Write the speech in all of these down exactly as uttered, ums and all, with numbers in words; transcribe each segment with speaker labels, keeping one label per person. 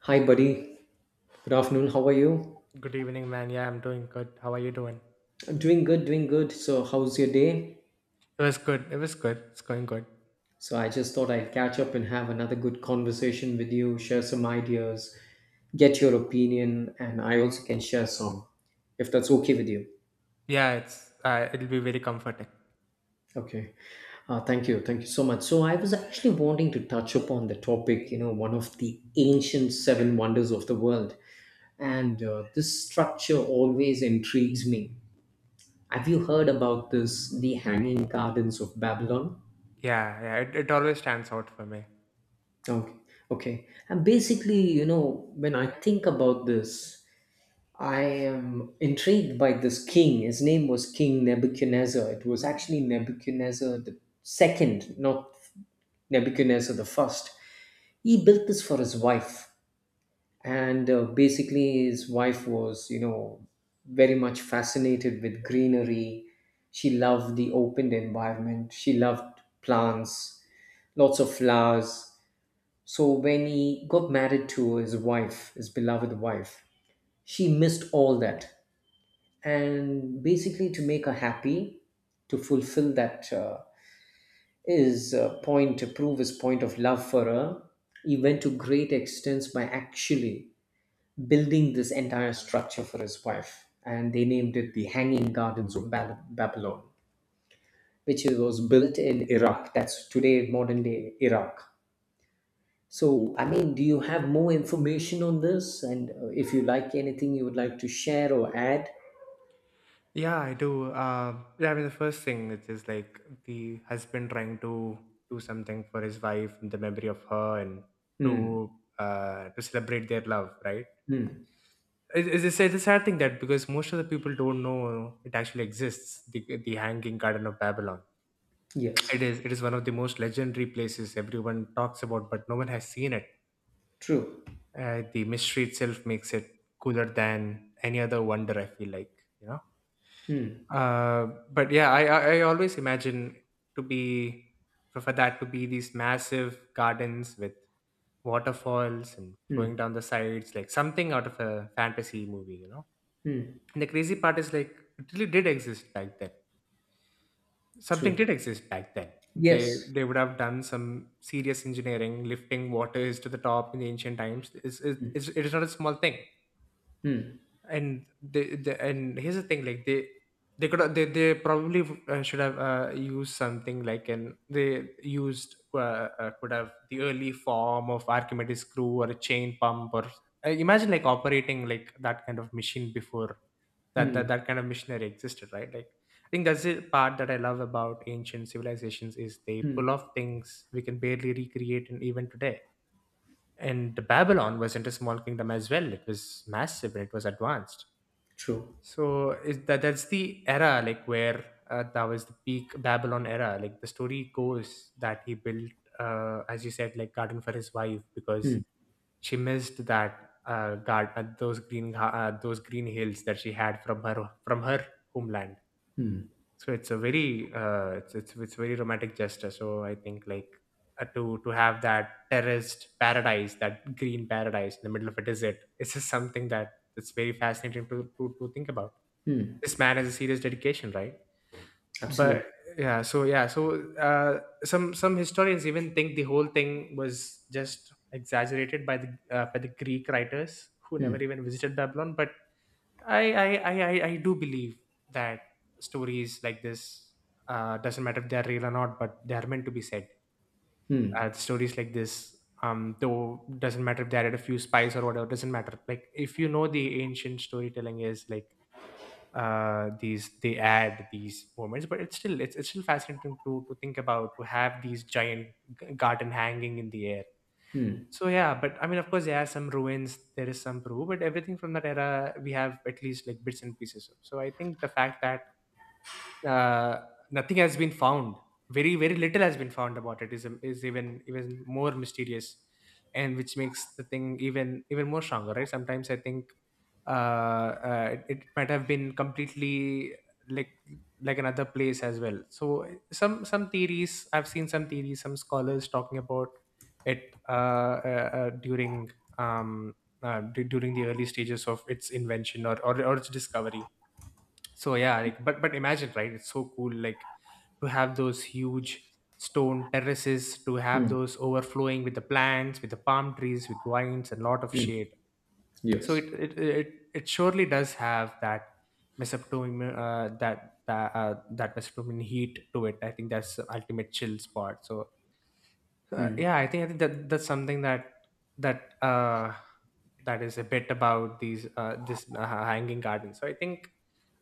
Speaker 1: Hi, buddy. Good afternoon. How are you?
Speaker 2: Good evening, man. Yeah, I'm doing good. How are you doing?
Speaker 1: I'm doing good, doing good. So, how's your day?
Speaker 2: It was good. It was good. It's going good.
Speaker 1: So, I just thought I'd catch up and have another good conversation with you, share some ideas, get your opinion, and I also can share some if that's okay with you.
Speaker 2: Yeah, it's uh, it'll be very comforting.
Speaker 1: Okay. Uh, thank you. Thank you so much. So, I was actually wanting to touch upon the topic, you know, one of the ancient seven wonders of the world. And uh, this structure always intrigues me. Have you heard about this, the Hanging Gardens of Babylon?
Speaker 2: Yeah, yeah. It, it always stands out for me.
Speaker 1: Okay. Okay. And basically, you know, when I think about this, I am intrigued by this king. His name was King Nebuchadnezzar. It was actually Nebuchadnezzar the second, not Nebuchadnezzar the first. He built this for his wife, and uh, basically, his wife was, you know, very much fascinated with greenery. She loved the open environment. She loved plants, lots of flowers, so when he got married to his wife, his beloved wife, she missed all that. And basically, to make her happy, to fulfill that, uh, his, uh, point, to prove his point of love for her, he went to great extents by actually building this entire structure for his wife. And they named it the Hanging Gardens of Bab- Babylon, which was built in Iraq. That's today modern day Iraq. So, I mean, do you have more information on this? And uh, if you like anything you would like to share or add?
Speaker 2: Yeah, I do. Um, yeah, I mean the first thing is just like the husband trying to do something for his wife in the memory of her and
Speaker 1: Hmm.
Speaker 2: to uh to celebrate their love, right?
Speaker 1: Hmm.
Speaker 2: It- It's, it's, it's a sad thing that, because most of the people don't know it actually exists, the the Hanging Garden of Babylon. It
Speaker 1: Yes.
Speaker 2: is. It is one of the most legendary places everyone talks about, but no one has seen it.
Speaker 1: True.
Speaker 2: Uh, the mystery itself makes it cooler than any other wonder. I feel like you know.
Speaker 1: Hmm.
Speaker 2: Uh, but yeah, I, I I always imagine to be for, for that to be these massive gardens with waterfalls and flowing
Speaker 1: Hmm.
Speaker 2: down the sides, like something out of a fantasy movie, you know.
Speaker 1: Hmm.
Speaker 2: And the crazy part is like it really did exist back then. Something did
Speaker 1: True.
Speaker 2: exist back then. They
Speaker 1: Yes.
Speaker 2: they would have done some serious engineering, lifting waters to the top in the ancient times. It's, it's, it's, it is not a small thing.
Speaker 1: Hmm.
Speaker 2: And they, they and here's the thing, like they they could have- they they probably uh, should have uh, used something like an they used uh, uh, could have the early form of Archimedes screw or a chain pump, or uh, imagine like operating like that kind of machine before that
Speaker 1: Hmm.
Speaker 2: that, that kind of missionary existed, right, like. I think that's the part that I love about ancient civilizations is they
Speaker 1: Hmm.
Speaker 2: pull off things we can barely recreate in even today. And Babylon wasn't a small kingdom as well. It was massive and it was advanced.
Speaker 1: True.
Speaker 2: So is that that's the era, like where, uh, that was the peak Babylon era. Like the story goes that he built, uh, as you said, like garden for his wife, because
Speaker 1: Hmm.
Speaker 2: she missed that, uh, guard uh, those green ga- uh, those green hills that she had from her from her homeland. So it's a very uh, it's, it's it's very romantic gesture. So I think like, uh, to to have that terraced paradise, that green paradise in the middle of a desert. It's just something that it's very fascinating to, to to think about. This man has a serious dedication, right? But
Speaker 1: Absolutely.
Speaker 2: yeah. So yeah so uh, some some historians even think the whole thing was just exaggerated by the uh, by the Greek writers who never even visited Babylon, but i i i i, I do believe that stories like this, uh, doesn't matter if they are real or not, but they are meant to be said.
Speaker 1: Hmm.
Speaker 2: Uh, stories like this, um though, doesn't matter if they added a few spice or whatever. Doesn't matter, like, if you know the ancient storytelling is like, uh, these, they add these moments. But it's still, it's, it's still fascinating to to think about, to have these giant g- garden hanging in the air.
Speaker 1: Hmm.
Speaker 2: So yeah, but I mean, of course there are some ruins, there is some proof, but everything from that era we have at least like bits and pieces of. So I think the fact that, uh, nothing has been found. Very, very little has been found about it, is is even even more mysterious, and which makes the thing even even more stronger. Right? Sometimes I think, uh, uh, it, it might have been completely like like another place as well. So some some theories, I've seen some theories, some scholars talking about it, uh, uh, uh, during um, uh, d- during the early stages of its invention, or or, or its discovery. So yeah, like, but but imagine, right, it's so cool, like, to have those huge stone terraces, to have
Speaker 1: Hmm.
Speaker 2: those overflowing with the plants, with the palm trees, with vines and lot of shade. So it
Speaker 1: Yes.
Speaker 2: it it, it surely does have that mesopotamian uh, that that uh, that Mesopotamian heat to it. I think that's the ultimate chill spot. So, uh,
Speaker 1: Hmm.
Speaker 2: yeah, I think I think that that's something that that uh that is a bit about these uh this uh, hanging garden. So I think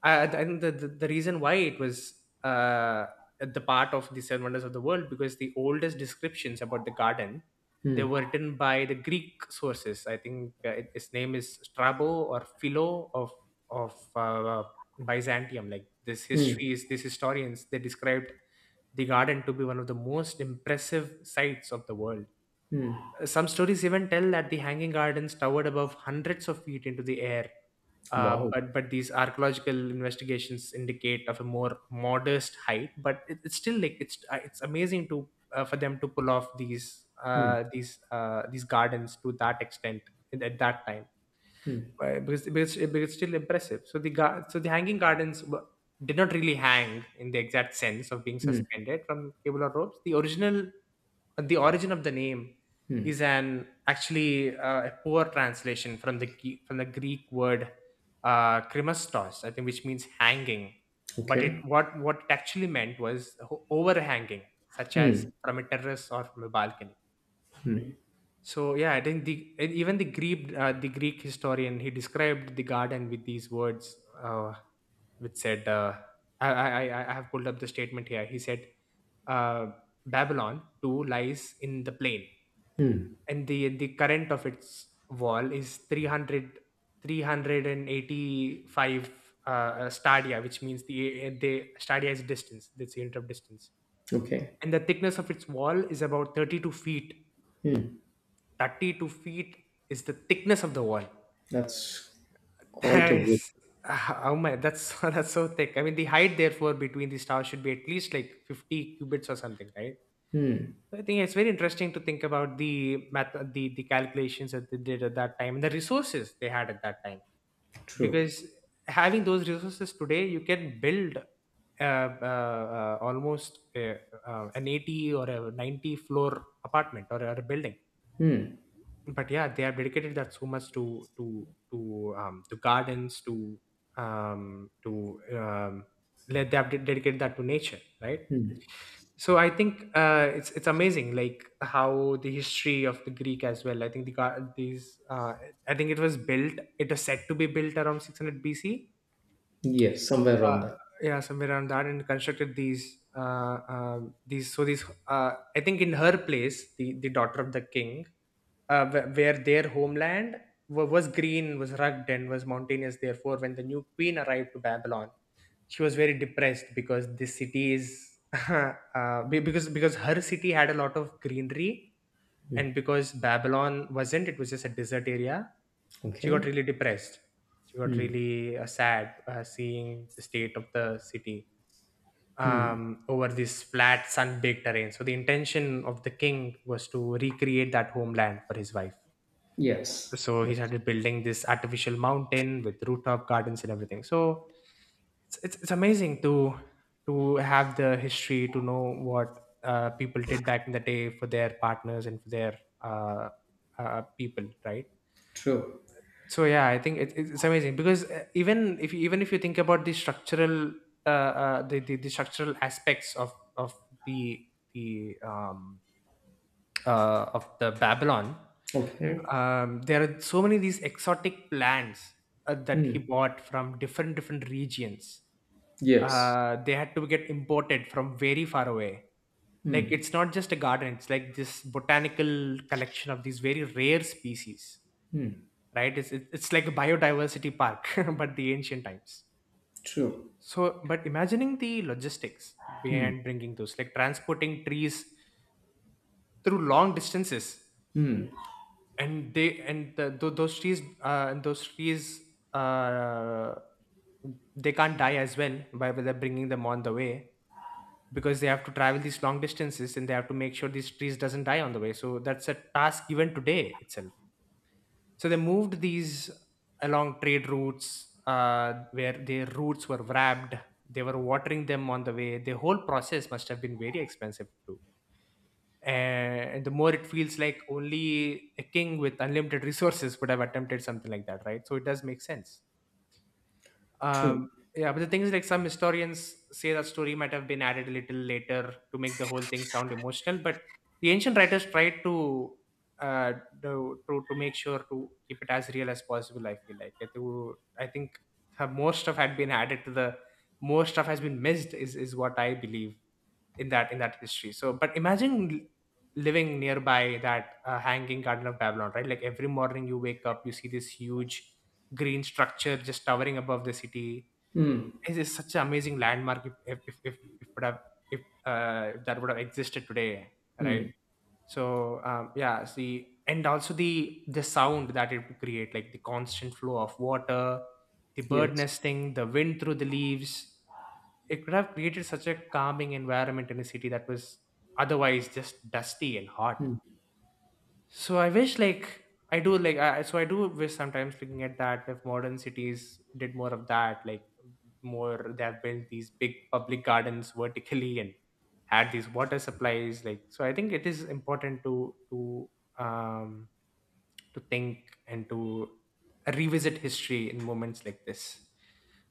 Speaker 2: I, I think the, the the reason why it was uh at the part of the seven wonders of the world, because the oldest descriptions about the garden, they were written by the Greek sources. I think, uh, it- his name is Strabo or Philo of of uh, Byzantium. Like this
Speaker 1: Hmm.
Speaker 2: history is these historians, they described the garden to be one of the most impressive sights of the world. Some stories even tell that the hanging gardens towered above hundreds of feet into the air. Uh,
Speaker 1: Wow.
Speaker 2: but but these archaeological investigations indicate of a more modest height. But it, it's still like it's uh, it's amazing to, uh, for them to pull off these uh, these uh, these gardens to that extent at that time. Why? Because, but it's, it's still impressive. So the gar- so the hanging gardens were, did not really hang in the exact sense of being suspended from cable or ropes. The original the origin of the name is an actually uh, a poor translation from the Gre- from the Greek word, uh, krimastos, I think, which means hanging. But it
Speaker 1: Okay.
Speaker 2: what what it actually meant was ho- overhanging, such as from a terrace or from a balcony.
Speaker 1: Hmm.
Speaker 2: So yeah, I think the and even the Greek uh, the Greek historian, he described the garden with these words, uh, which said, uh, I, I I I have pulled up the statement here. He said, uh, Babylon too lies in the plain, and the the current of its wall is three hundred three hundred and eighty five uh, uh, stadia, which means the uh, the stadia is distance, that's the unit of distance,
Speaker 1: Okay.
Speaker 2: and the thickness of its wall is about thirty two feet.
Speaker 1: Hmm.
Speaker 2: thirty two feet is the thickness of the wall.
Speaker 1: That's quite
Speaker 2: That
Speaker 1: a
Speaker 2: is,
Speaker 1: bit.
Speaker 2: oh my, that's that's so thick. I mean, the height therefore between the stars should be at least like fifty cubits or something, right? So I think it's very interesting to think about the math, the the calculations that they did at that time, and the resources they had at that time.
Speaker 1: True.
Speaker 2: Because having those resources today, you can build, uh, uh, uh, almost, uh, uh, an eighty or a ninety floor apartment, or a or a building. But yeah, they have dedicated that so much to to to um to gardens, to um to um let they have de- dedicated that to nature, right. So I think, uh it's it's amazing, like, how the history of the Greek as well. I think the gar- these uh I think it was built it was said to be built around six hundred B C.
Speaker 1: Yes. Somewhere
Speaker 2: uh,
Speaker 1: around that.
Speaker 2: yeah, somewhere around that, and constructed these uh, um these so these uh, I think, in her place, the the daughter of the king, uh, wh- where their homeland wa- was green, was rugged, and was mountainous. Therefore, when the new queen arrived to Babylon, she was very depressed because this city is, uh, be- because because her city had a lot of greenery, and because Babylon wasn't, it was just a desert area. She got
Speaker 1: Okay.
Speaker 2: really depressed. She got really uh, sad, uh, seeing the state of the city, um, over this flat sun-baked terrain. So the intention of the king was to recreate that homeland for his wife.
Speaker 1: Yes.
Speaker 2: So he
Speaker 1: Yes.
Speaker 2: started building this artificial mountain with rooftop gardens and everything. So it's it's, it's amazing to to have the history, to know what, uh, people did back in the day for their partners and for their, uh, uh, people, right.
Speaker 1: True.
Speaker 2: So yeah, I think it, it's amazing because, uh, even if you, even if you think about the structural, uh, uh, the, the the structural aspects of of the the um uh, of the Babylon,
Speaker 1: Okay.
Speaker 2: um, there are so many these exotic plants uh, that he
Speaker 1: Hmm.
Speaker 2: bought from different different regions.
Speaker 1: Yes,
Speaker 2: Uh, they had to get imported from very far away. Like it's not just a garden; it's like this botanical collection of these very rare species. Right? It's it's it's like a biodiversity park, but the ancient times.
Speaker 1: true,
Speaker 2: So, but imagining the logistics behind bringing those, like transporting trees through long distances, and they and the, tho- those trees uh, and those trees uh, they can't die as well by by they're bringing them on the way, because they have to travel these long distances and they have to make sure these trees doesn't die on the way. So that's a task even today itself. So they moved these along trade routes, uh, where their roots were wrapped, they were watering them on the way. The whole process must have been very expensive too, and the more it feels like only a king with unlimited resources would have attempted something like that, right? So it does make sense.
Speaker 1: true.
Speaker 2: um yeah, but the thing is, like, some historians say that story might have been added a little later to make the whole thing sound emotional. But the ancient writers tried to uh do, to to make sure to keep it as real as possible. I feel like it, would- I think, have more stuff had been added to the, more stuff has been missed, is is what I believe in that in that history. So, but imagine l- living nearby that uh, hanging garden of Babylon, right? Like every morning you wake up, you see this huge green structure just towering above the city.
Speaker 1: Mm,
Speaker 2: It is such an amazing landmark if if if, if, if would have if uh, if that would have existed today, right?
Speaker 1: mm,
Speaker 2: So, um, yeah, see, and also the the sound that it would create, like the constant flow of water, the bird
Speaker 1: yes,
Speaker 2: nesting, the wind through the leaves, it could have created such a calming environment in a city that was otherwise just dusty and hot.
Speaker 1: mm,
Speaker 2: So I wish, like, I do like I, so I do wish sometimes, looking at that, if modern cities did more of that. Like, more, they have built these big public gardens vertically and had these water supplies. Like, so I think it is important to to um to think and to revisit history in moments like this.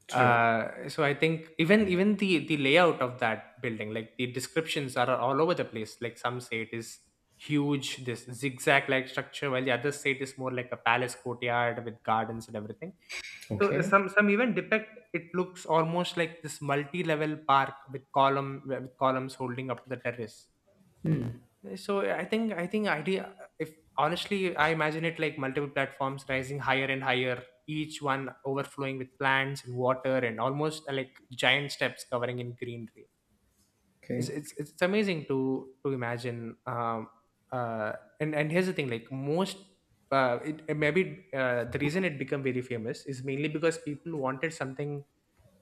Speaker 1: true.
Speaker 2: uh So I think even even the the layout of that building, like the descriptions are all over the place. Like, some say it is huge, this zigzag like structure, while the others say it is more like a palace courtyard with gardens and everything. So, uh,
Speaker 1: Okay,
Speaker 2: some some even depict it looks almost like this multi-level park with column with columns holding up the terrace. So yeah, I think, I think, idea, if honestly I imagine it like multiple platforms rising higher and higher, each one overflowing with plants and water and almost, uh, like giant steps covering in greenery. It's
Speaker 1: okay,
Speaker 2: it's it's amazing to to imagine. Um, uh, and and here's the thing, like most. Uh, it, uh, maybe uh, the reason it became very famous is mainly because people wanted something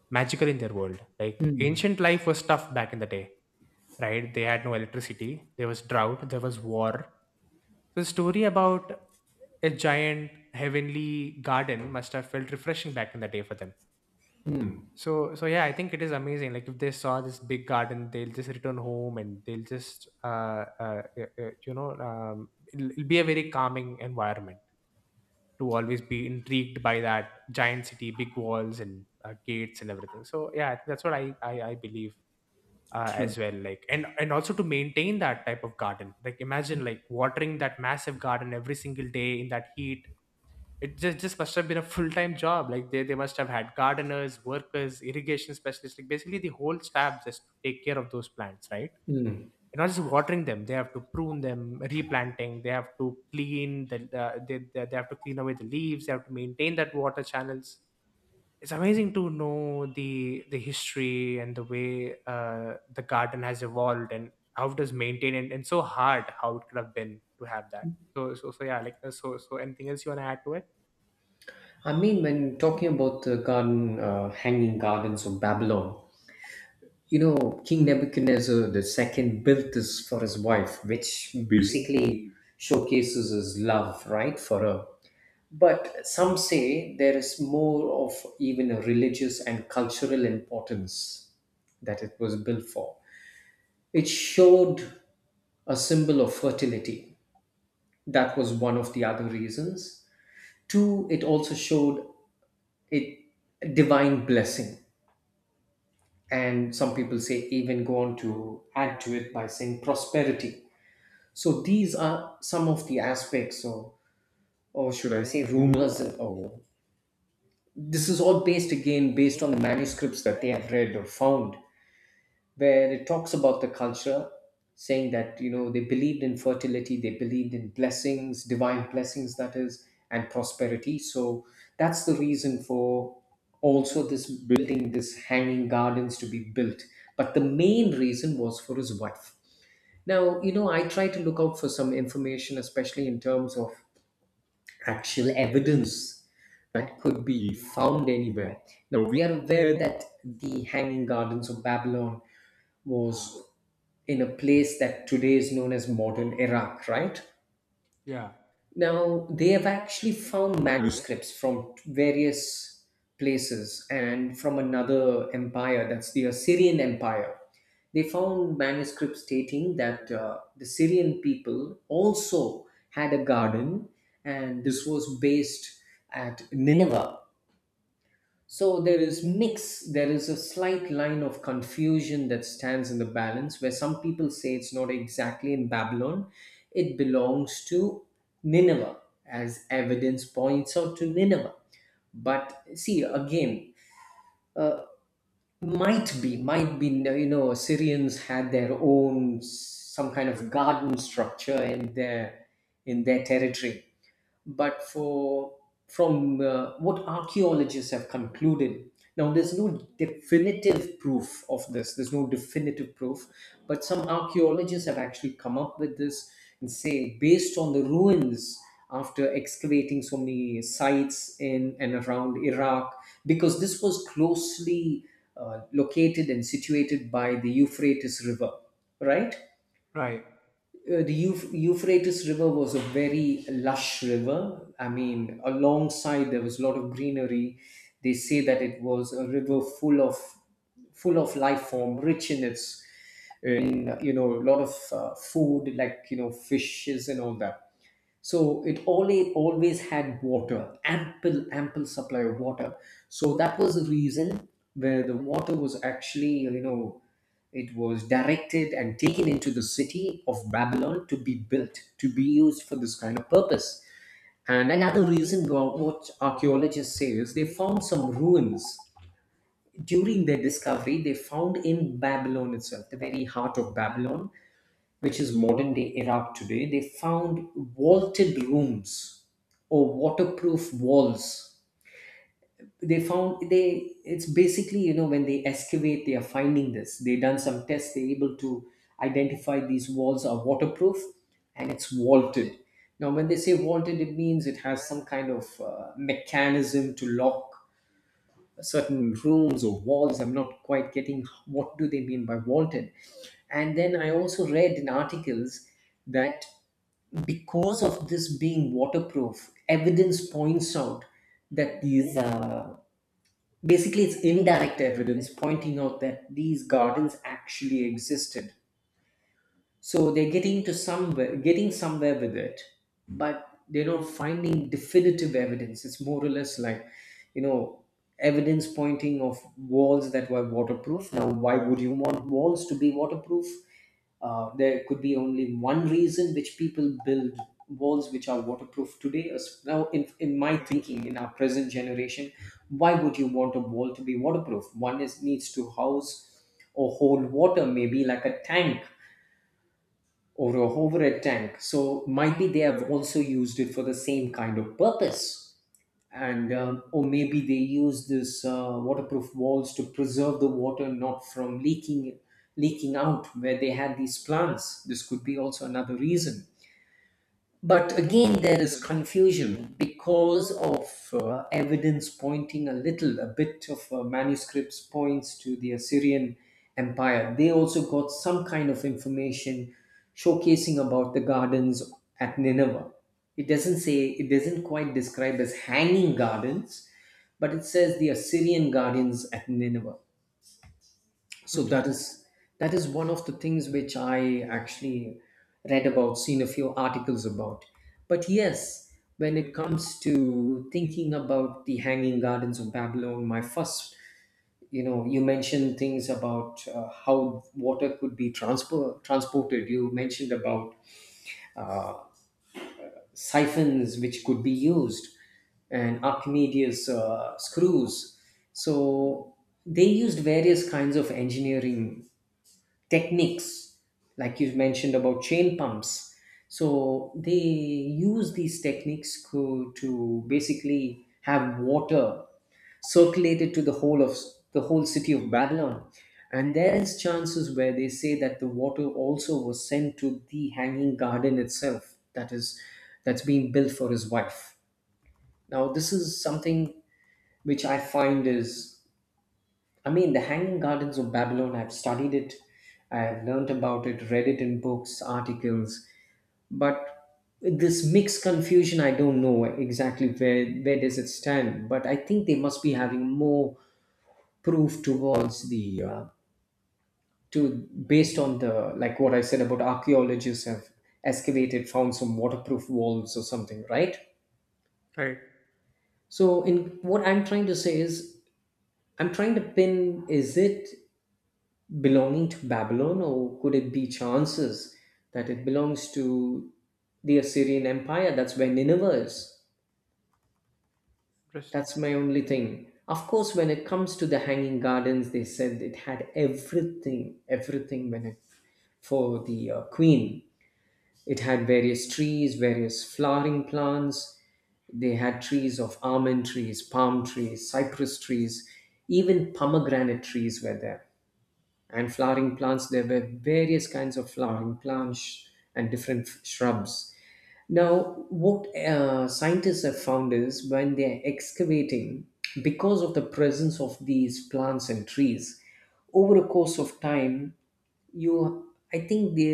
Speaker 2: magical in their world. Like, ancient life was tough back in the day, right? They had no electricity, there was drought, there was war. So the story about a giant heavenly garden must have felt refreshing back in the day for them. So, so yeah, I think it is amazing. Like, if they saw this big garden, they'll just return home and they'll just, uh, uh, y- y- you know, um, it'll, it'll be a very calming environment, to always be intrigued by that giant city, big walls and uh, gates and everything. So yeah, that's what I I, I believe, uh,
Speaker 1: true.
Speaker 2: as well. Like, and and also to maintain that type of garden, like imagine like watering that massive garden every single day in that heat. It just, just must have been a full-time job. Like, they, they must have had gardeners, workers, irrigation specialists, like basically the whole staff just to take care of those plants, right?
Speaker 1: Mm.
Speaker 2: And not just watering them, they have to prune them, replanting, they have to clean the, uh, they, they, they have to clean away the leaves, they have to maintain that water channels. It's amazing to know the the history and the way uh, the garden has evolved and how it was maintained, and, and so hard how it could have been to have that. So so so yeah, like, uh, so so anything else you want to add to it?
Speaker 1: I mean, when talking about the garden, uh, Hanging Gardens of Babylon, you know, King Nebuchadnezzar the second built this for his wife, which basically showcases his love, right, for her. But some say there is more of even a religious and cultural importance that it was built for. It showed a symbol of fertility. That was one of the other reasons. Two, it also showed a divine blessing. And some people say even go on to add to it by saying prosperity. So these are some of the aspects or or should I say rumors, or this is all based, again, based on the manuscripts that they have read or found, where it talks about the culture, saying that you know they believed in fertility, they believed in blessings, divine blessings, that is, and prosperity. So that's the reason for also this building, this Hanging Gardens to be built. But the main reason was for his wife. Now, you know, I try to look out for some information, especially in terms of actual evidence that could be found anywhere. Now, we are aware that the Hanging Gardens of Babylon was in a place that today is known as modern Iraq, right?
Speaker 2: Yeah.
Speaker 1: Now, they have actually found manuscripts from various places and from another empire, that's the Assyrian Empire. They found manuscripts stating that uh, the Syrian people also had a garden, and this was based at Nineveh. So there is mix, there is a slight line of confusion that stands in the balance, where some people say it's not exactly in Babylon, it belongs to Nineveh, as evidence points out to Nineveh. But see, again, might be, might be, you know, Assyrians had their own s- some kind of garden structure in their in their territory, but for from uh, what archaeologists have concluded. Now there's no definitive proof of this, there's no definitive proof, but some archaeologists have actually come up with this and say, based on the ruins, after excavating so many sites in and around Iraq, because this was closely uh, located and situated by the Euphrates River, right?
Speaker 2: Right.
Speaker 1: Uh, the Euph- Euphrates River was a very lush river. I mean, alongside there was a lot of greenery. They say that it was a river full of full of life form, rich in its uh, in you know a lot of uh, food, like you know fishes and all that. So it only always had water, ample ample supply of water. So that was the reason where the water was actually you know it was directed and taken into the city of Babylon, to be built, to be used for this kind of purpose. And another reason wha- what archaeologists say is they found some ruins during their discovery. They found in Babylon itself, the very heart of Babylon, which is modern day Iraq today, they found vaulted rooms or waterproof walls. They found they It's basically, you know when they excavate they are finding this. They done some tests. They're able to identify these walls are waterproof and it's vaulted. Now when they say vaulted, it means it has some kind of uh, mechanism to lock certain rooms or walls. I'm not quite getting what do they mean by vaulted. And then I also read in articles that because of this being waterproof, evidence points out that these uh, basically it's indirect evidence pointing out that these gardens actually existed. So they're getting to somewhere getting somewhere with it, but they're not finding definitive evidence. It's more or less like, you know evidence pointing of walls that were waterproof. Now why would you want walls to be waterproof? Uh, there could be only one reason which people build walls which are waterproof today. As- now in, in, my thinking, in our present generation, why would you want a wall to be waterproof? One is needs to house or hold water, maybe like a tank or a hovered tank. So might be they have also used it for the same kind of purpose, and um, or maybe they use this uh, waterproof walls to preserve the water, not from leaking leaking out where they had these plants. This could be also another reason. But again, there is confusion because of uh, evidence pointing a little, a bit of uh, manuscripts points to the Assyrian Empire. They also got some kind of information showcasing about the gardens at Nineveh. It doesn't say, it doesn't quite describe as hanging gardens, but it says the Assyrian gardens at Nineveh. So that
Speaker 2: Interesting.
Speaker 1: is that is one of the things which I actually read about, seen a few articles about. But yes, when it comes to thinking about the Hanging Gardens of Babylon, my first you know you mentioned things about uh, how water could be transpor- transported. You mentioned about uh, siphons which could be used, and Archimedes uh, screws. So they used various kinds of engineering techniques, like you mentioned about chain pumps. So they use these techniques to, to basically have water circulated to the whole of the whole city of Babylon, and there is chances where they say that the water also was sent to the Hanging Garden itself, that is, that's being built for his wife. Now this is something which I find is, I mean, the Hanging Gardens of Babylon, I've studied it, I've learned about it, read it in books, articles, but this mixed confusion, I don't know exactly where, where does it stand, but I think they must be having more proof towards the, uh, to based on the, like what I said about archaeologists have excavated, found some waterproof walls or something, right?
Speaker 2: Right.
Speaker 1: So, in what I'm trying to say is, I'm trying to pin, is it belonging to Babylon, or could it be chances that it belongs to the Assyrian Empire? That's where Nineveh is.
Speaker 2: Interesting.
Speaker 1: That's my only thing. Of course, when it comes to the Hanging Gardens, they said it had everything, everything, when it, for the uh, queen. It had various trees, various flowering plants. They had trees of almond trees, palm trees, cypress trees, even pomegranate trees were there. And flowering plants, there were various kinds of flowering plants and different f- shrubs. Now what uh, scientists have found is when they are excavating, because of the presence of these plants and trees over a course of time, you I think the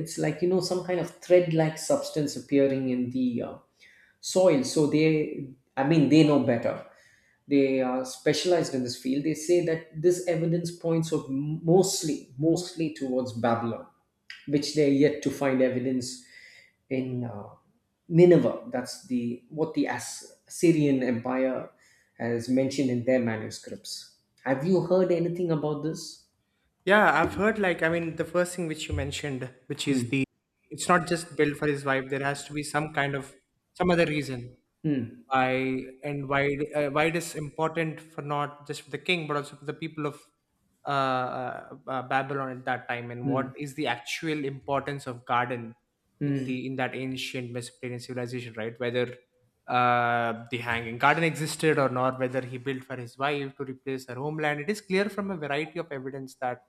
Speaker 1: it's like you know some kind of thread like substance appearing in the uh, soil. So they I mean, they know better, they are specialized in this field. They say that this evidence points of mostly mostly towards Babylon, which they are yet to find evidence in, uh, Nineveh. That's the what the As- Assyrian Empire has mentioned in their manuscripts. Have you heard anything about this?
Speaker 2: Yeah, I've heard, like, I mean, the first thing which you mentioned, which is,
Speaker 1: Hmm.
Speaker 2: the it's not just built for his wife. There has to be some kind of some other reason,
Speaker 1: Hmm.
Speaker 2: why and why uh, why it is important, for not just for the king but also for the people of uh, uh, uh, Babylon at that time, and what
Speaker 1: Hmm.
Speaker 2: is the actual importance of garden in
Speaker 1: Hmm.
Speaker 2: the in that ancient Mesopotamian civilization, right? Whether uh, the hanging garden existed or not, whether he built for his wife to replace her homeland, it is clear from a variety of evidence that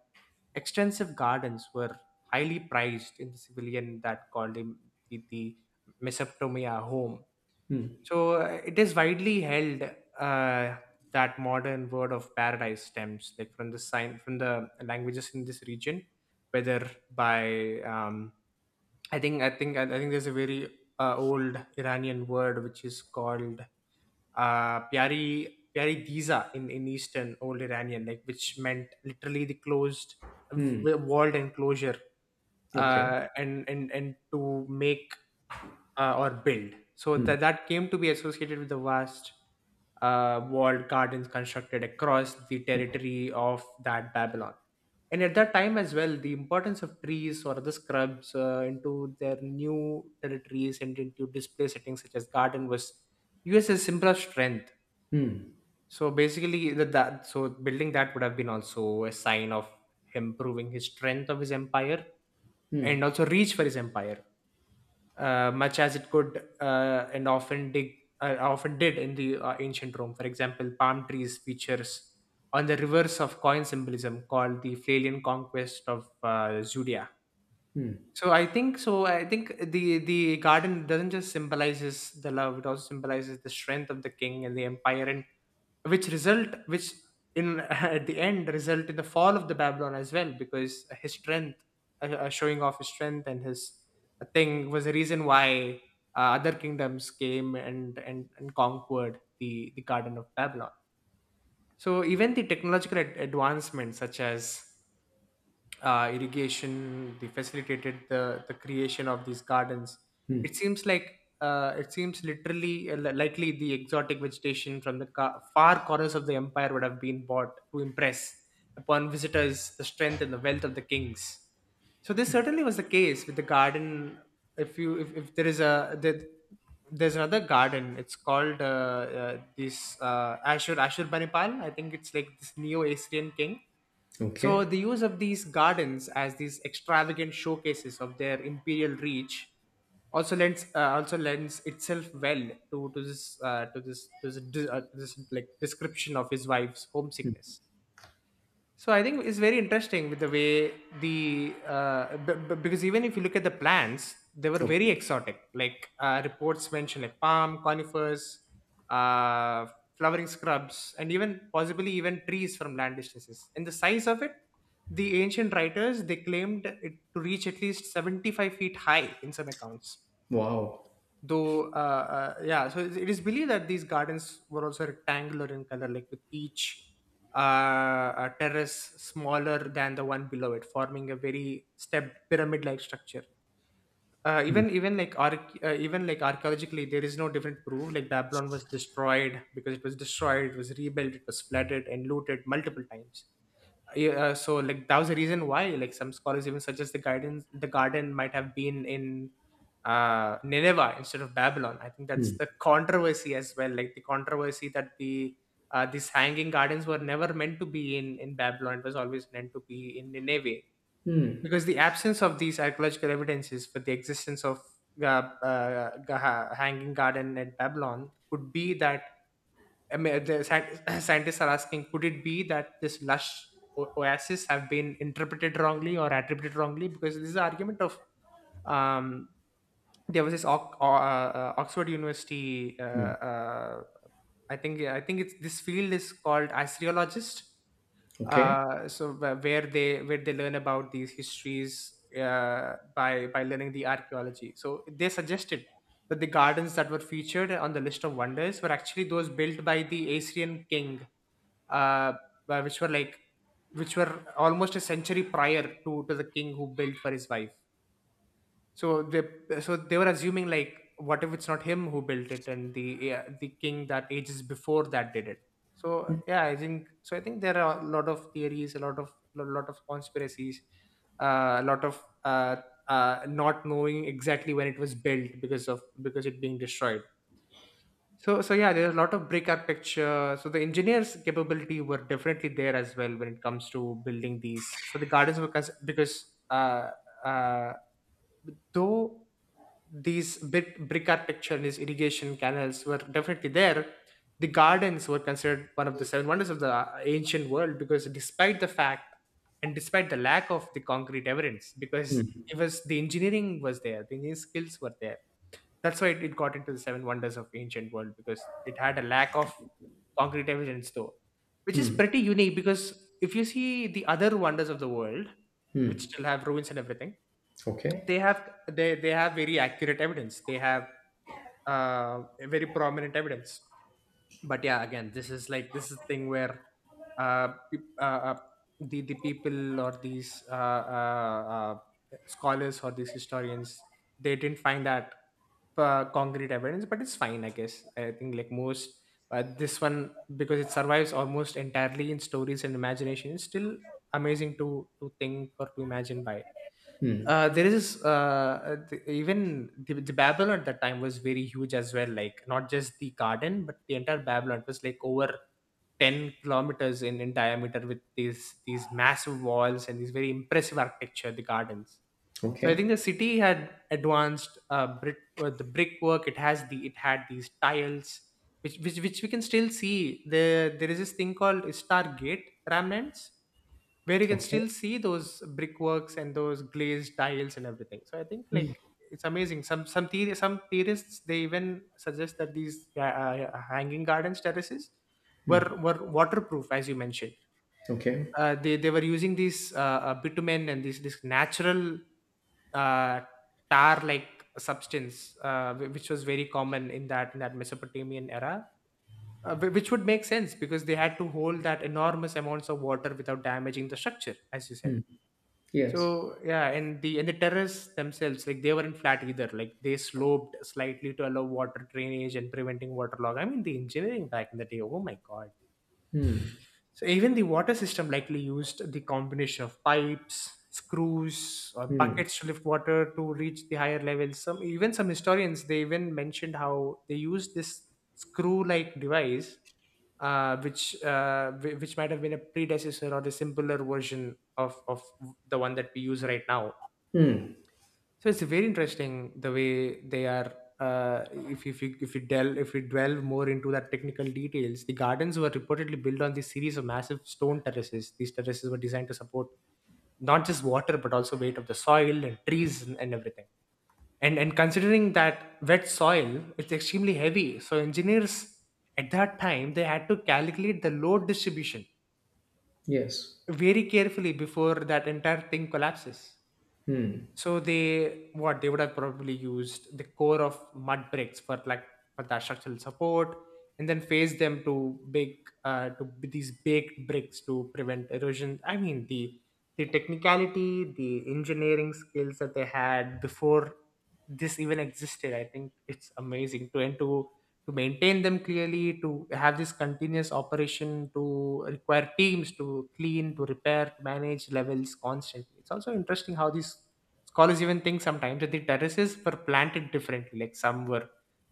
Speaker 2: extensive gardens were highly prized in the civilian that called him the, the Mesopotamia home.
Speaker 1: Hmm.
Speaker 2: So uh, it is widely held uh, that modern word of paradise stems, like from the sign from the languages in this region, whether by, um, I think, I think I think there's a very uh, old Iranian word which is called uh, Pyari Pyari Diza, in, in Eastern Old Iranian, like, which meant literally the closed
Speaker 1: Hmm.
Speaker 2: w- walled enclosure,
Speaker 1: Okay.
Speaker 2: uh, and and and to make, uh, or build. So that that came to be associated with the vast uh, walled gardens constructed across the territory of that Babylon. And at that time as well, the importance of trees or other scrubs uh, into their new territories and into display settings such as garden was used as a symbol of strength.
Speaker 1: Hmm.
Speaker 2: So basically, that, that so building that would have been also a sign of him proving his strength of his empire, and
Speaker 1: Hmm.
Speaker 2: also reach for his empire, uh, much as it could, uh, and often dig uh, often did in the uh, ancient Rome. For example, palm trees features on the reverse of coin symbolism called the Phalian conquest of uh, Judea.
Speaker 1: Hmm.
Speaker 2: So I think so I think the the garden doesn't just symbolizes the love, it also symbolizes the strength of the king and the empire, and which result which in at the end result in the fall of the Babylon as well, because his strength, uh, uh, showing off his strength and his thing was the reason why uh, other kingdoms came and, and and conquered the the garden of Babylon. So even the technological ad- advancements, such as uh, irrigation, they facilitated the the creation of these gardens.
Speaker 1: Hmm.
Speaker 2: It seems like, uh, it seems literally uh, li- likely the exotic vegetation from the ca- far corners of the empire would have been bought to impress upon visitors the strength and the wealth of the kings. So this certainly was the case with the garden. If you if, if there is a there, there's another garden, it's called, uh, uh, this uh, ashur ashur Banipal, I think. It's like this Neo-Assyrian king. So
Speaker 1: Okay.
Speaker 2: the use of these gardens as these extravagant showcases of their imperial reach also lends, uh, also lends itself well to to this, uh, to this to this, dis- uh, to this like description of his wife's homesickness. So I think it's very interesting with the way the uh, b- b- because, even if you look at the plants, they were very
Speaker 1: Okay.
Speaker 2: exotic. Like, uh, reports mention, like palm, conifers, uh, flowering scrubs, and even possibly even trees from land distances. And the size of it, the ancient writers, they claimed it to reach at least seventy-five feet high in some accounts,
Speaker 1: Wow.
Speaker 2: though. Uh, uh, yeah, so it it is believed that these gardens were also rectangular in color, like with each, uh, uh, terrace smaller than the one below it, forming a very stepped pyramid like structure. uh,
Speaker 1: Mm,
Speaker 2: even even like arch- uh, even like archaeologically there is no different proof. Like Babylon was destroyed, because it was destroyed, it was rebuilt, it was flooded and looted multiple times. Yeah, uh, so like, that was the reason why, like, some scholars even suggest the gardens the garden might have been in uh Nineveh instead of Babylon. I think that's
Speaker 1: mm,
Speaker 2: the controversy as well, like the controversy that the uh, these hanging gardens were never meant to be in in Babylon, it was always meant to be in Nineveh.
Speaker 1: mm,
Speaker 2: Because the absence of these archaeological evidences for the existence of uh, uh, ga- ha- hanging garden at Babylon could be that, I mean, the scien- scientists are asking, could it be that this lush o- oasis have been interpreted wrongly or attributed wrongly? Because this is an argument of, um, there was this Oc- o- uh, uh, oxford University, uh,
Speaker 1: mm.
Speaker 2: uh, i think i think it's this field is called assyriologist,
Speaker 1: Okay.
Speaker 2: uh, so wh- where they where they learn about these histories, uh, by by learning the archaeology. So they suggested that the gardens that were featured on the list of wonders were actually those built by the Assyrian king, uh, uh, which were like, which were almost a century prior to to the king who built for his wife. So they, so they were assuming like, what if it's not him who built it and the yeah, the king that ages before that did it? So yeah, I think so. I think there are a lot of theories, a lot of a lot of conspiracies, uh, a lot of uh, uh, not knowing exactly when it was built because of because it being destroyed. So, so yeah, there's a lot of brick architecture. So the engineers' capability were definitely there as well when it comes to building these. So the gardens were cons- because uh, uh, though these bit brick architecture and these irrigation canals were definitely there, the gardens were considered one of the seven wonders of the uh, ancient world. Because despite the fact and despite the lack of the concrete evidence, because
Speaker 1: Mm,
Speaker 2: it was the engineering was there, the engineering skills were there, that's why it, it got into the seven wonders of ancient world, because it had a lack of concrete evidence though, which is pretty unique. Because if you see the other wonders of the world, which
Speaker 1: mm.
Speaker 2: still have ruins and everything,
Speaker 1: Okay.
Speaker 2: they have they they have very accurate evidence. They have uh, very prominent evidence. But yeah, again, this is like, this is the thing where uh, peop- uh, uh, the the people, or these uh, uh, uh, scholars, or these historians, they didn't find that uh, concrete evidence, but it's fine, I guess. I think like most. Uh, this one, because it survives almost entirely in stories and imagination, is still amazing to to think or to imagine by.
Speaker 1: Mm.
Speaker 2: Uh, there is uh, th- even the, the Babylon at that time was very huge as well. Like not just the garden, but the entire Babylon was like over ten kilometers in, in diameter, with these these massive walls and these very impressive architecture. The gardens. So I think
Speaker 1: Okay.
Speaker 2: the city had advanced uh, brick uh, the brickwork. It has the it had these tiles. Which, which, which we can still see. The there is this thing called Stargate remnants, where you can
Speaker 1: Okay.
Speaker 2: still see those brickworks and those glazed tiles and everything. So I think like it's amazing. Some some theory, some theorists, they even suggest that these uh, uh, hanging gardens terraces were were waterproof, as you mentioned.
Speaker 1: Okay.
Speaker 2: Uh, they they were using these uh, uh, bitumen, and these this natural uh, tar like substance, uh, whi- which was very common in that in that mesopotamian era, uh, whi- which would make sense, because they had to hold that enormous amounts of water without damaging the structure, as you said.
Speaker 1: Mm. Yes.
Speaker 2: So yeah, and the and the terrace themselves, like they weren't flat either. Like they sloped slightly to allow water drainage and preventing waterlog. I mean the engineering back in the day. Oh my god.
Speaker 1: Mm.
Speaker 2: So even the water system likely used the combination of pipes, screws, or
Speaker 1: Mm.
Speaker 2: buckets to lift water to reach the higher levels. Some even some historians, they even mentioned how they used this screw-like device, uh, which uh, whi- which might have been a predecessor or a simpler version of of the one that we use right now.
Speaker 1: Mm.
Speaker 2: So it's very interesting the way they are. Uh, if if you if you delve, if you delve more into that technical details, the gardens were reportedly built on this series of massive stone terraces. These terraces were designed to support not just water but also weight of the soil and trees and, and everything. And and considering that wet soil, it's extremely heavy. So engineers at that time, they had to calculate the load distribution
Speaker 1: Yes.
Speaker 2: very carefully before that entire thing collapses.
Speaker 1: Mm.
Speaker 2: So they, what they would have probably used the core of mud bricks for like for that structural support, and then phase them to big uh, to b- these baked bricks to prevent erosion. I mean the the technicality, the engineering skills that they had before this even existed, I think it's amazing. to and to to maintain them clearly, to have this continuous operation, to require teams to clean, to repair, to manage levels constantly. It's also interesting how these scholars even think sometimes that the terraces were planted differently, like some were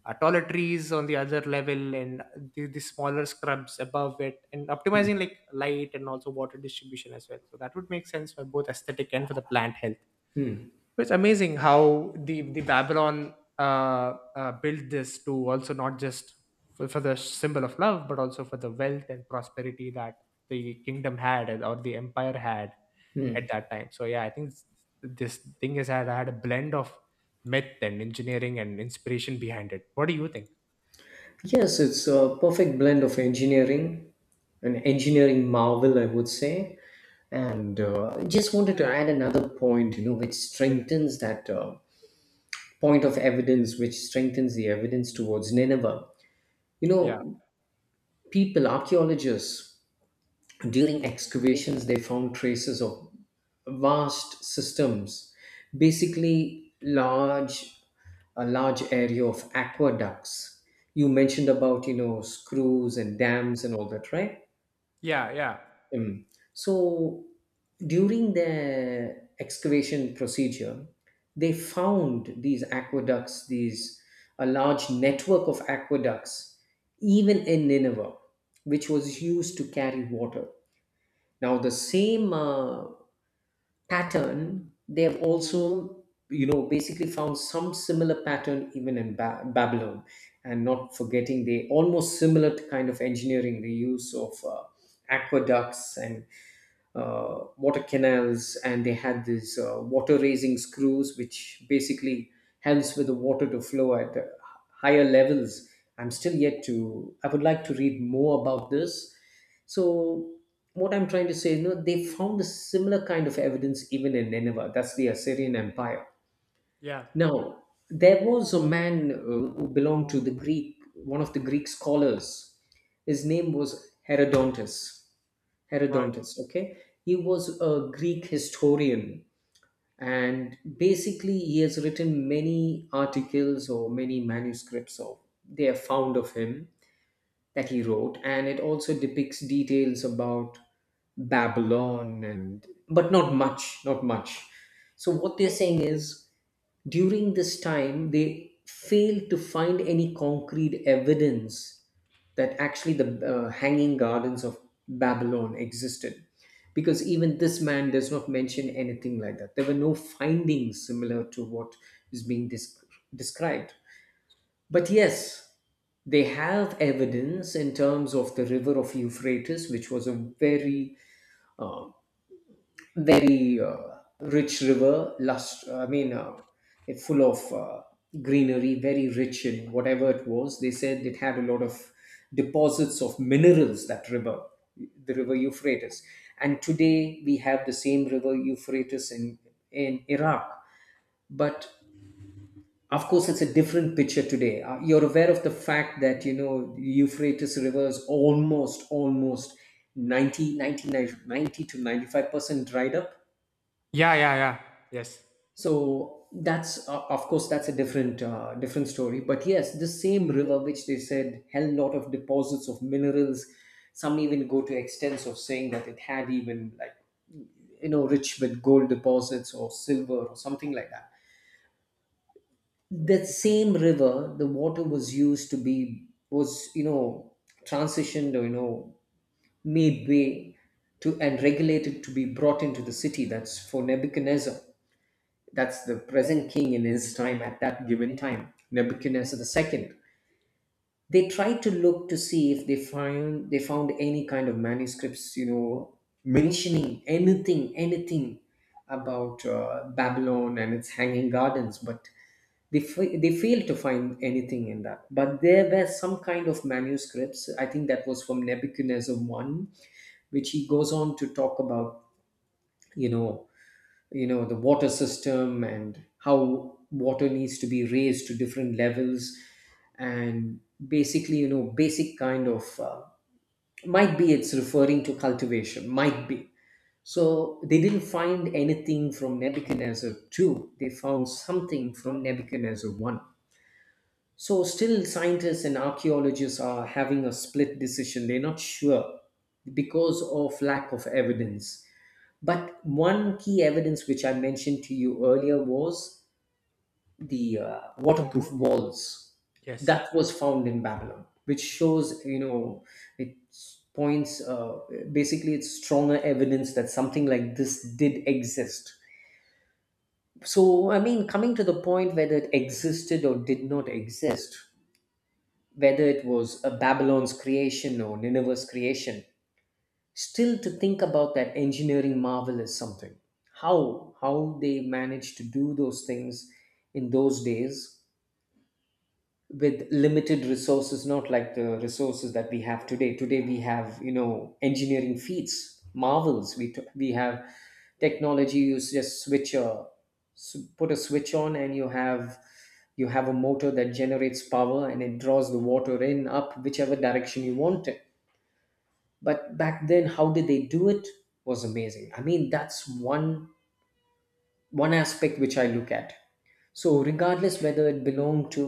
Speaker 2: uh, taller trees on the other level, and the, the smaller scrubs above it, and optimizing like light and also water distribution as well. So that would make sense for both aesthetic and for the plant health.
Speaker 1: Mm.
Speaker 2: So it's amazing how the the Babylon uh, uh, built this to also not just for, for the symbol of love, but also for the wealth and prosperity that the kingdom had, and- or the empire had at
Speaker 1: Mm.
Speaker 2: that time. So yeah, I think s- this thing has had, had a blend of myth and engineering and inspiration behind it. What do you think?
Speaker 1: Yes, it's a perfect blend of engineering, an engineering marvel, I would say. And uh, just wanted to add another point, you know, which strengthens that uh, point of evidence, which strengthens the evidence towards Nineveh. You
Speaker 2: Yeah,
Speaker 1: know, people, archaeologists, during excavations, they found traces of vast systems, basically large a large area of aqueducts. You mentioned about you know screws and dams and all that, right?
Speaker 2: yeah, yeah,
Speaker 1: Mm. So during the excavation procedure, they found these aqueducts, these a large network of aqueducts, even in Nineveh, which was used to carry water. Now the same uh, pattern they've also you know basically found some similar pattern even in ba- Babylon, and not forgetting the almost similar to kind of engineering, the use of uh, aqueducts and uh, water canals, and they had these uh, water raising screws which basically helps with the water to flow at uh, higher levels. I'm still yet to I would like to read more about this. So what I'm trying to say, you know they found a similar kind of evidence even in Nineveh, that's the Assyrian Empire.
Speaker 2: yeah.
Speaker 1: Now there was a man uh, who belonged to the greek one of the Greek scholars. His name was Herodotus.
Speaker 2: Right.
Speaker 1: Herodotus, okay? He was a Greek historian, and basically he has written many articles or many manuscripts of, they are found of him, that he wrote, and it also depicts details about Babylon. And but not much, not much. So what they're saying is, during this time, they failed to find any concrete evidence that actually the uh, hanging gardens of Babylon existed. Because even this man does not mention anything like that. There were no findings similar to what is being dis- described. But yes, they have evidence in terms of the river of Euphrates, which was a very uh, very uh, rich river, lust uh, I mean uh, it full of uh, greenery, very rich in whatever it was. They said it had a lot of deposits of minerals, that river, the river Euphrates. And today we have the same river Euphrates in in Iraq. But of course it's a different picture today. Uh, you're aware of the fact that you know Euphrates river is almost almost 90 ninety, ninety to ninety-five percent dried up.
Speaker 2: Yeah, yeah, yeah. Yes,
Speaker 1: So that's uh, of course that's a different uh, different story. But yes, the same river which they said held lot of deposits of minerals. Some even go to extents of saying that it had even like, you know rich with gold deposits or silver or something like that. That same river, the water was used to be was, you know transitioned or, you know made way to and regulated to be brought into the city. That's for Nebuchadnezzar, that's the present king in his time, at that given time, Nebuchadnezzar the second. They tried to look to see if they find, they found any kind of manuscripts, you know, mentioning anything, anything about uh, Babylon and its hanging gardens, but they, fa- they failed to find anything in that. But there were some kind of manuscripts. I think that was from Nebuchadnezzar one, which he goes on to talk about. You know, you know the water system and how water needs to be raised to different levels, and basically you know basic kind of uh, might be it's referring to cultivation, might be. So they didn't find anything from Nebuchadnezzar two, they found something from Nebuchadnezzar one. So still scientists and archaeologists are having a split decision, they're not sure because of lack of evidence. But one key evidence which I mentioned to you earlier was the uh, waterproof walls
Speaker 2: yes.
Speaker 1: that was found in Babylon, which shows, you know, it points, uh, basically, it's stronger evidence that something like this did exist. So, I mean, coming to the point whether it existed or did not exist, whether it was a Babylon's creation or Nineveh's creation, still, to think about that engineering marvel is something. How how they managed to do those things in those days with limited resources, not like the resources that we have today. Today we have, you know engineering feats, marvels. We t- we have technology. You s- just switch a s- put a switch on, and you have you have a motor that generates power, and it draws the water in up whichever direction you want it. But back then, how did they do it? Was amazing. I mean, that's one one aspect which I look at. So regardless whether it belonged to,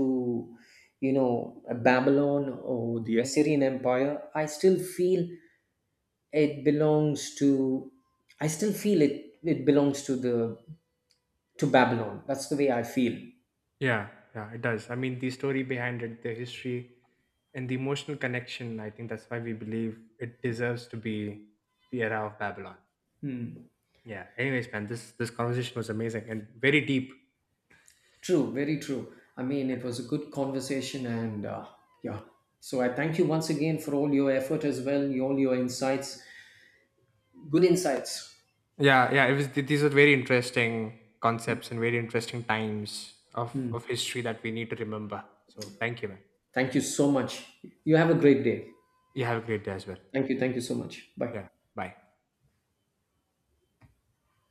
Speaker 1: you know Babylon or the Assyrian Empire, i still feel it belongs to I still feel it it belongs to the to Babylon. That's the way I feel.
Speaker 2: Yeah, yeah, it does. I mean, the story behind it, the history, and the emotional connection, I think that's why we believe it deserves to be the era of Babylon.
Speaker 1: Hmm.
Speaker 2: Yeah. Anyways, man, this this conversation was amazing and very deep.
Speaker 1: True, very true. I mean, it was a good conversation, and uh, yeah. So I thank you once again for all your effort as well, all your insights. Good insights.
Speaker 2: Yeah, yeah. It was. th- These are very interesting concepts and very interesting times of
Speaker 1: Hmm.
Speaker 2: of history that we need to remember. So thank you, man.
Speaker 1: Thank you so much. You have a great day.
Speaker 2: You have a great day as well.
Speaker 1: Thank you. Thank you so much. Bye.
Speaker 2: Yeah. Bye.